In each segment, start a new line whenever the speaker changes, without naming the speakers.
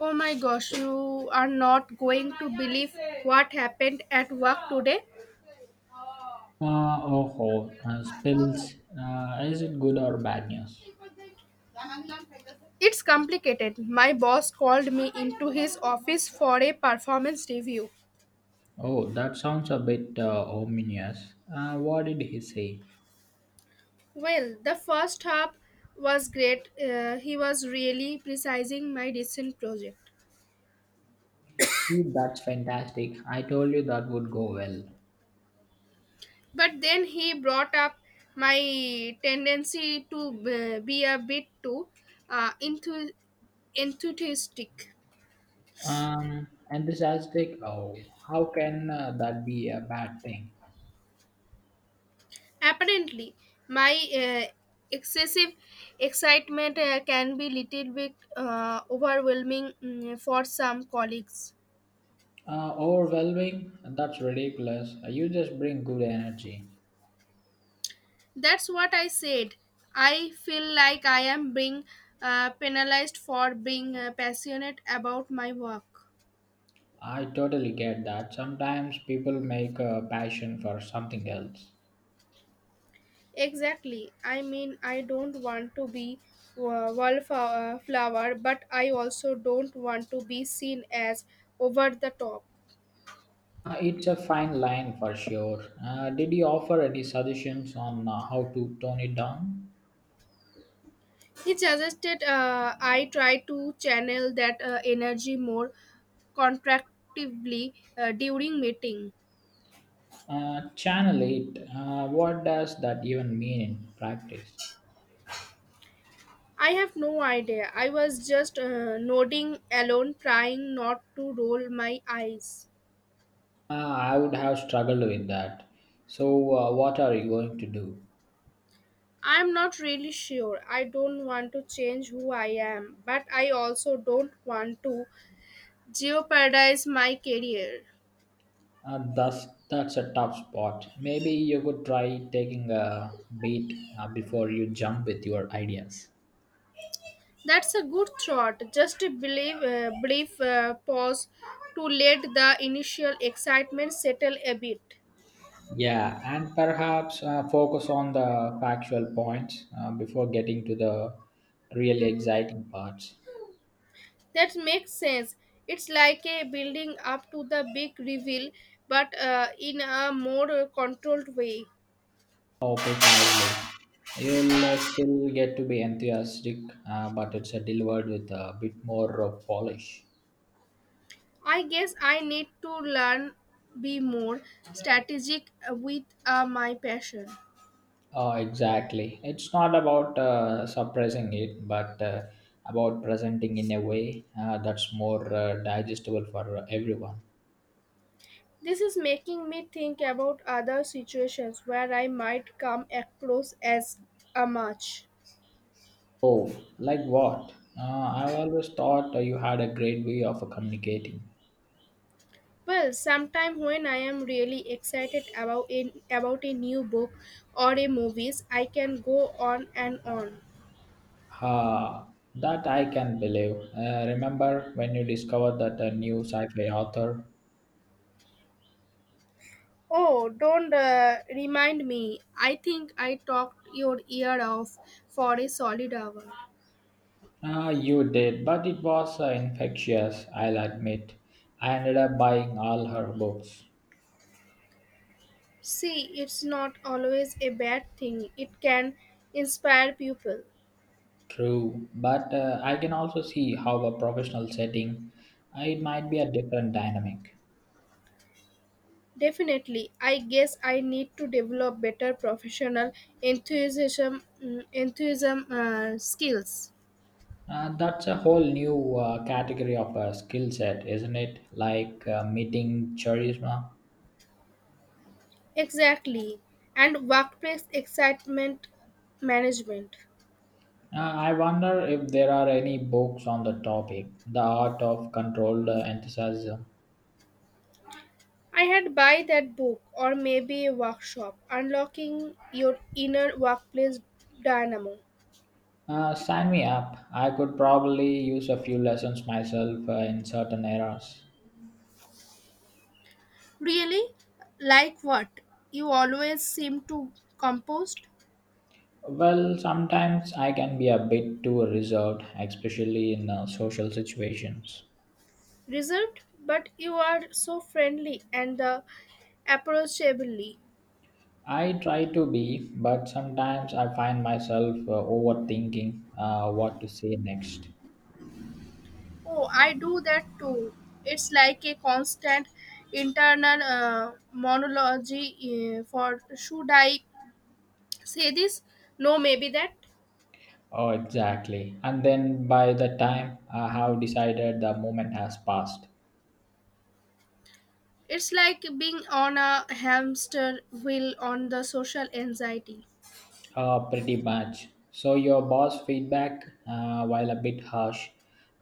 Oh my gosh, you are not going to believe what happened at work today.
Oh, spills. Is it good or bad news?
It's complicated. My boss called me into his office for a performance review.
Oh, that sounds a bit ominous. What did he say?
Well, the first half was great. He was really precising my recent project.
See, that's fantastic. I told you that would go well.
But then he brought up my tendency to be a bit too uh, enthu- enthusiastic.
Enthusiastic. Oh, how can that be a bad thing?
Apparently my uh, excessive excitement can be little bit overwhelming for some colleagues.
Overwhelming. That's ridiculous. You just bring good energy.
That's what I said. I feel like I am being penalized for being passionate about my work.
I totally get that. Sometimes people make a passion for something else.
Exactly. I mean I don't want to be wallflower, but I also don't want to be seen as over the top.
It's a fine line for sure. Did you offer any suggestions on how to tone it down?
He suggested I try to channel that energy more contractively during meeting.
Channel it. What does that even mean in practice?
I have no idea. I was just nodding alone, trying not to roll my eyes.
I would have struggled with that. So, what are you going to do?
I'm not really sure. I don't want to change who I am, but I also don't want to jeopardize my career.
That's a tough spot. Maybe you could try taking a beat before you jump with your ideas.
That's a good thought. Just a brief pause to let the initial excitement settle a bit.
Yeah, and perhaps focus on the factual points before getting to the really exciting parts.
That makes sense. It's like a building up to the big reveal, but in a more controlled way.
Oh, precisely. You'll still get to be enthusiastic, but it's delivered with a bit more polish.
I guess I need to learn be more strategic with my passion.
Oh, exactly. It's not about suppressing it, but about presenting in a way that's more digestible for everyone.
This is making me think about other situations where I might come across as a match.
Oh, like what? I've always thought you had a great way of communicating.
Well, sometime when I am really excited about a new book or a movies, I can go on and on.
Ha, that I can believe. Remember when you discovered that a new sci fi author?
Oh, don't remind me. I think I talked your ear off for a solid hour.
Ah, you did, but it was infectious, I'll admit. I ended up buying all her books.
See, it's not always a bad thing. It can inspire people.
True, but I can also see how a professional setting it might be a different dynamic.
Definitely, I guess I need to develop better professional enthusiasm skills.
That's a whole new category of a skill set, isn't it? Like meeting charisma.
Exactly. And workplace excitement management.
I wonder if there are any books on the topic, the art of controlled enthusiasm.
I had buy that book or maybe a workshop unlocking your inner workplace dynamo.
Sign me up. I could probably use a few lessons myself in certain areas.
Really? Like what? You always seem to composed,
Well, sometimes I can be a bit too reserved, especially in social situations.
reserved, but you are so friendly and approachably.
I try to be, but sometimes I find myself overthinking what to say next.
Oh, I do that too. It's like a constant internal monologue for should I say this, no maybe that.
Oh, exactly. And then by the time I have decided, the moment has passed.
It's like being on a hamster wheel on the social anxiety.
Pretty much. So your boss feedback, while a bit harsh,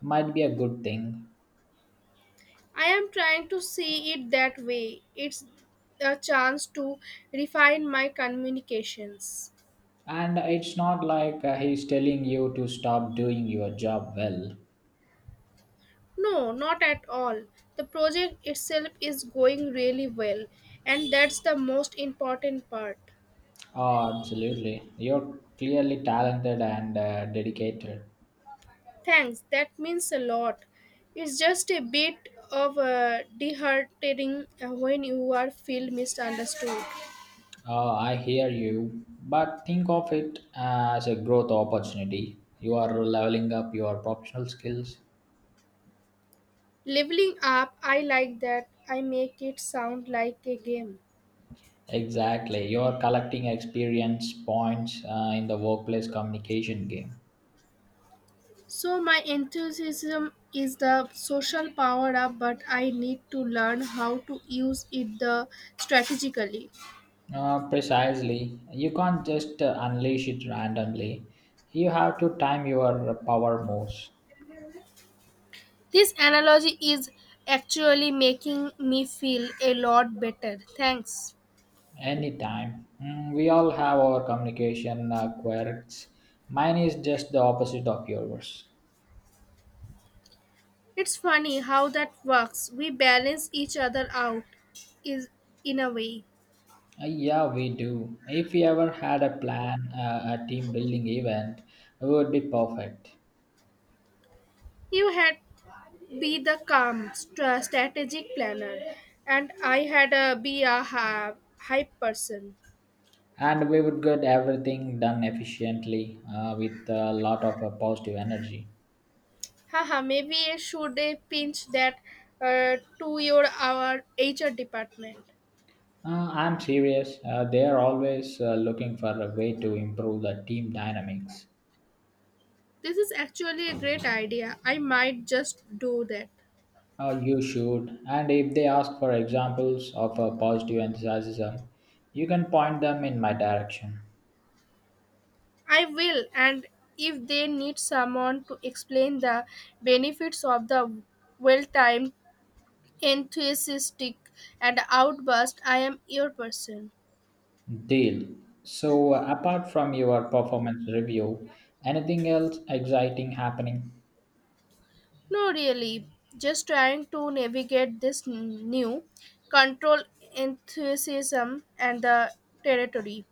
might be a good thing.
I am trying to see it that way. It's a chance to refine my communications.
And it's not like he's telling you to stop doing your job well.
No, not at all. The project itself is going really well, and that's the most important part.
Oh, absolutely. You're clearly talented and dedicated.
Thanks, that means a lot. It's just a bit of deheartening when you are feel misunderstood.
Oh, I hear you. But think of it as a growth opportunity. You are leveling up your professional skills.
Leveling up, I like that, I make it sound like a game.
Exactly. You are collecting experience points in the workplace communication game.
So my enthusiasm is the social power up, but I need to learn how to use it the strategically.
Precisely. You can't just unleash it randomly. You have to time your power moves.
This analogy is actually making me feel a lot better. Thanks.
Anytime. Mm, we all have our communication quirks. Mine is just the opposite of yours.
It's funny how that works. We balance each other out is in a way.
Yeah, we do. If we ever had a plan, a team building event, it would be perfect.
You had be the calm, strategic planner, and I had a be a hype person.
And we would get everything done efficiently with a lot of positive energy.
Haha, maybe I should pinch that to your our HR department.
I'm serious. They are always looking for a way to improve the team dynamics.
This is actually a great idea. I might just do that.
You should. And if they ask for examples of positive enthusiasm, you can point them in my direction.
I will, and if they need someone to explain the benefits of the well-timed, enthusiastic, and outburst, I am your person.
Deal. So, apart from your performance review, anything else exciting happening?
No, really, just trying to navigate this new control enthusiasm and the territory.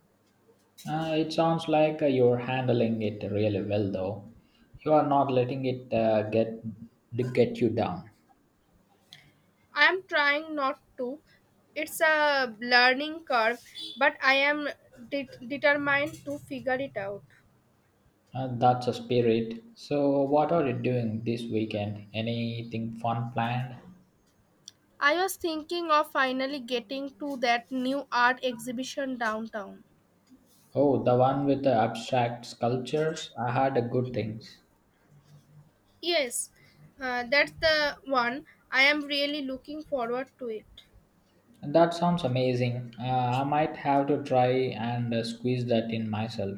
It sounds like you're handling it really well, though. You are not letting it get you down.
I am trying not to. It's a learning curve, but I am determined to figure it out.
That's a spirit. So, what are you doing this weekend? Anything fun planned?
I was thinking of finally getting to that new art exhibition downtown.
Oh, the one with the abstract sculptures. I heard a good things.
Yes, that's the one. I am really looking forward to it.
And that sounds amazing. I might have to try and squeeze that in myself.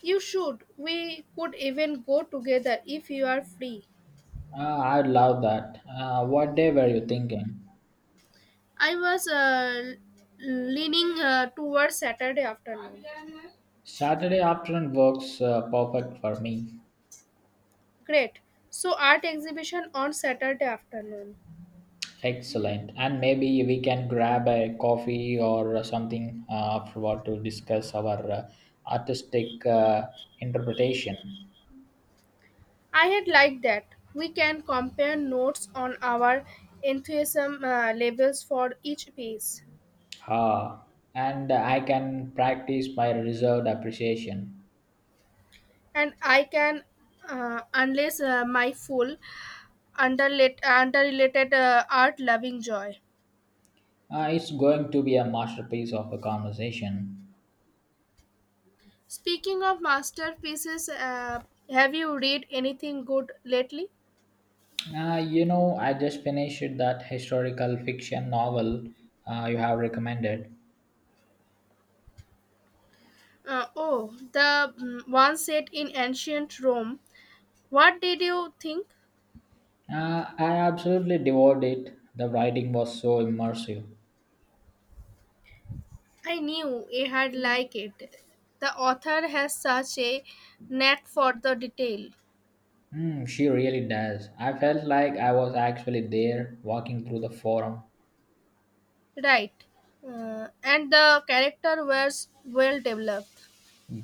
You should. We could even go together if you are free.
I love that. What day were you thinking?
I was leaning towards Saturday afternoon.
Saturday afternoon works perfect for me.
Great. So art exhibition on Saturday afternoon.
Excellent. And maybe we can grab a coffee or something afterward to discuss our artistic interpretation.
I had liked that. We can compare notes on our enthusiasm levels for each piece.
Ah, and I can practice my reserved appreciation.
And I can, unless my full underrelated art loving joy.
It's going to be a masterpiece of a conversation.
Speaking of masterpieces, have you read anything good lately?
You know, I just finished that historical fiction novel you have recommended.
Oh, the one set in ancient Rome. What did you think?
I absolutely devoured it. The writing was so immersive.
I knew I had like it. The author has such a knack for the detail.
Hmm, she really does. I felt like I was actually there walking through the forum.
Right. And the character was well developed.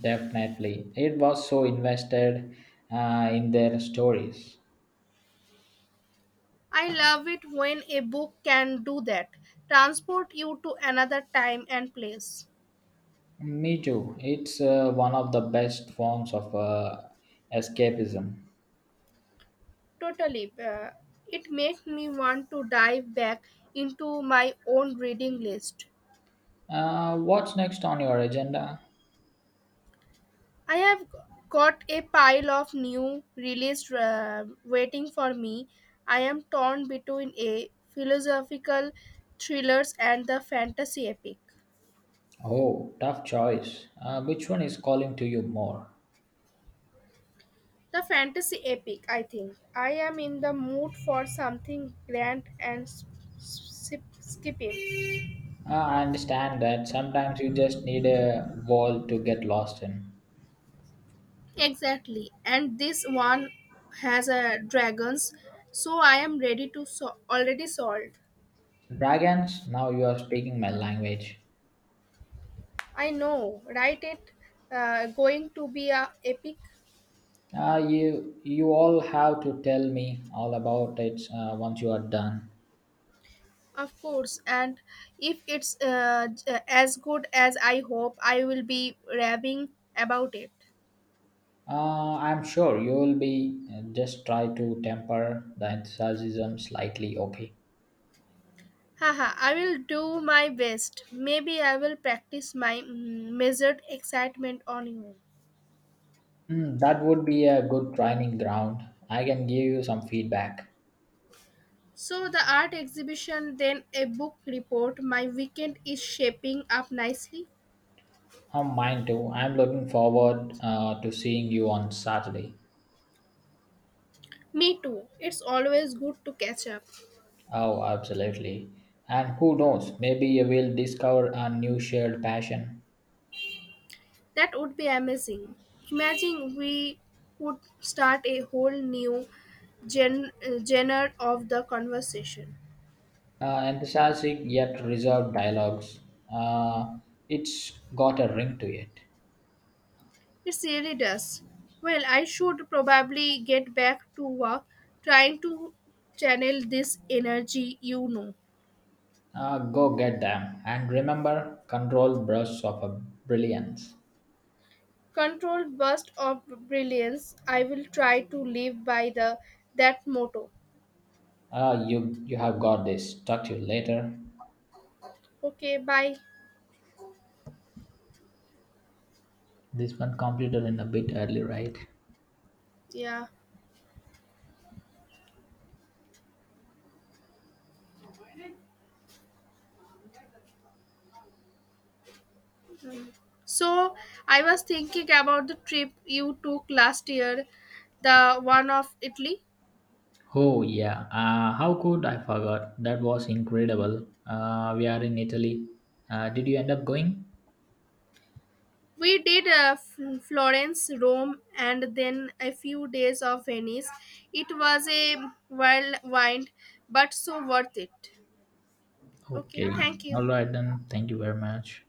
Definitely. It was so invested in their stories.
I love it when a book can do that, transport you to another time and place.
Me too. It's one of the best forms of escapism.
Totally. It makes me want to dive back into my own reading list.
What's next on your agenda?
I have got a pile of new releases waiting for me. I am torn between a philosophical thrillers and the fantasy epic.
Oh, tough choice. Which one is calling to you more?
The fantasy epic, I think. I am in the mood for something grand and skipping.
I understand that sometimes you just need a wall to get lost in.
Exactly, and this one has a dragons, so I am ready to already solved.
Dragons, now you are speaking my language.
I know, right? It going to be a epic,
You all have to tell me all about it once you are done.
of course. And if it's as good as I hope, I will be raving about it.
I'm sure you will be just try to temper the enthusiasm slightly. Okay,
Haha, I will do my best. Maybe I will practice my measured excitement on you.
hmm, that would be a good training ground. I can give you some feedback.
So the art exhibition, then a book report. My weekend is shaping up nicely.
Mine too. I'm looking forward to seeing you on Saturday.
Me too. It's always good to catch up.
Oh, absolutely. And who knows? Maybe you will discover a new shared passion.
That would be amazing. Imagine we could start a whole new genre of the conversation.
Enthusiastic yet reserved dialogues. Uh, it's got a ring to it.
It really does. Well, I should probably get back to work trying to channel this energy.
Go get them, and remember, control brush of a brilliance.
Controlled burst of brilliance. I will try to live by the that motto.
You have got this. Talk to you later.
Okay, bye.
This one completed in a bit early, right?
Yeah. So I was thinking about the trip you took last year, the one of Italy.
Oh yeah. How could I forgot? That was incredible. We are in Italy. Did you end up going?
We did Florence, Rome, and then a few days of Venice. It was a whirlwind, but so worth it. Okay,
Okay.
thank you.
All right then. Thank you very much.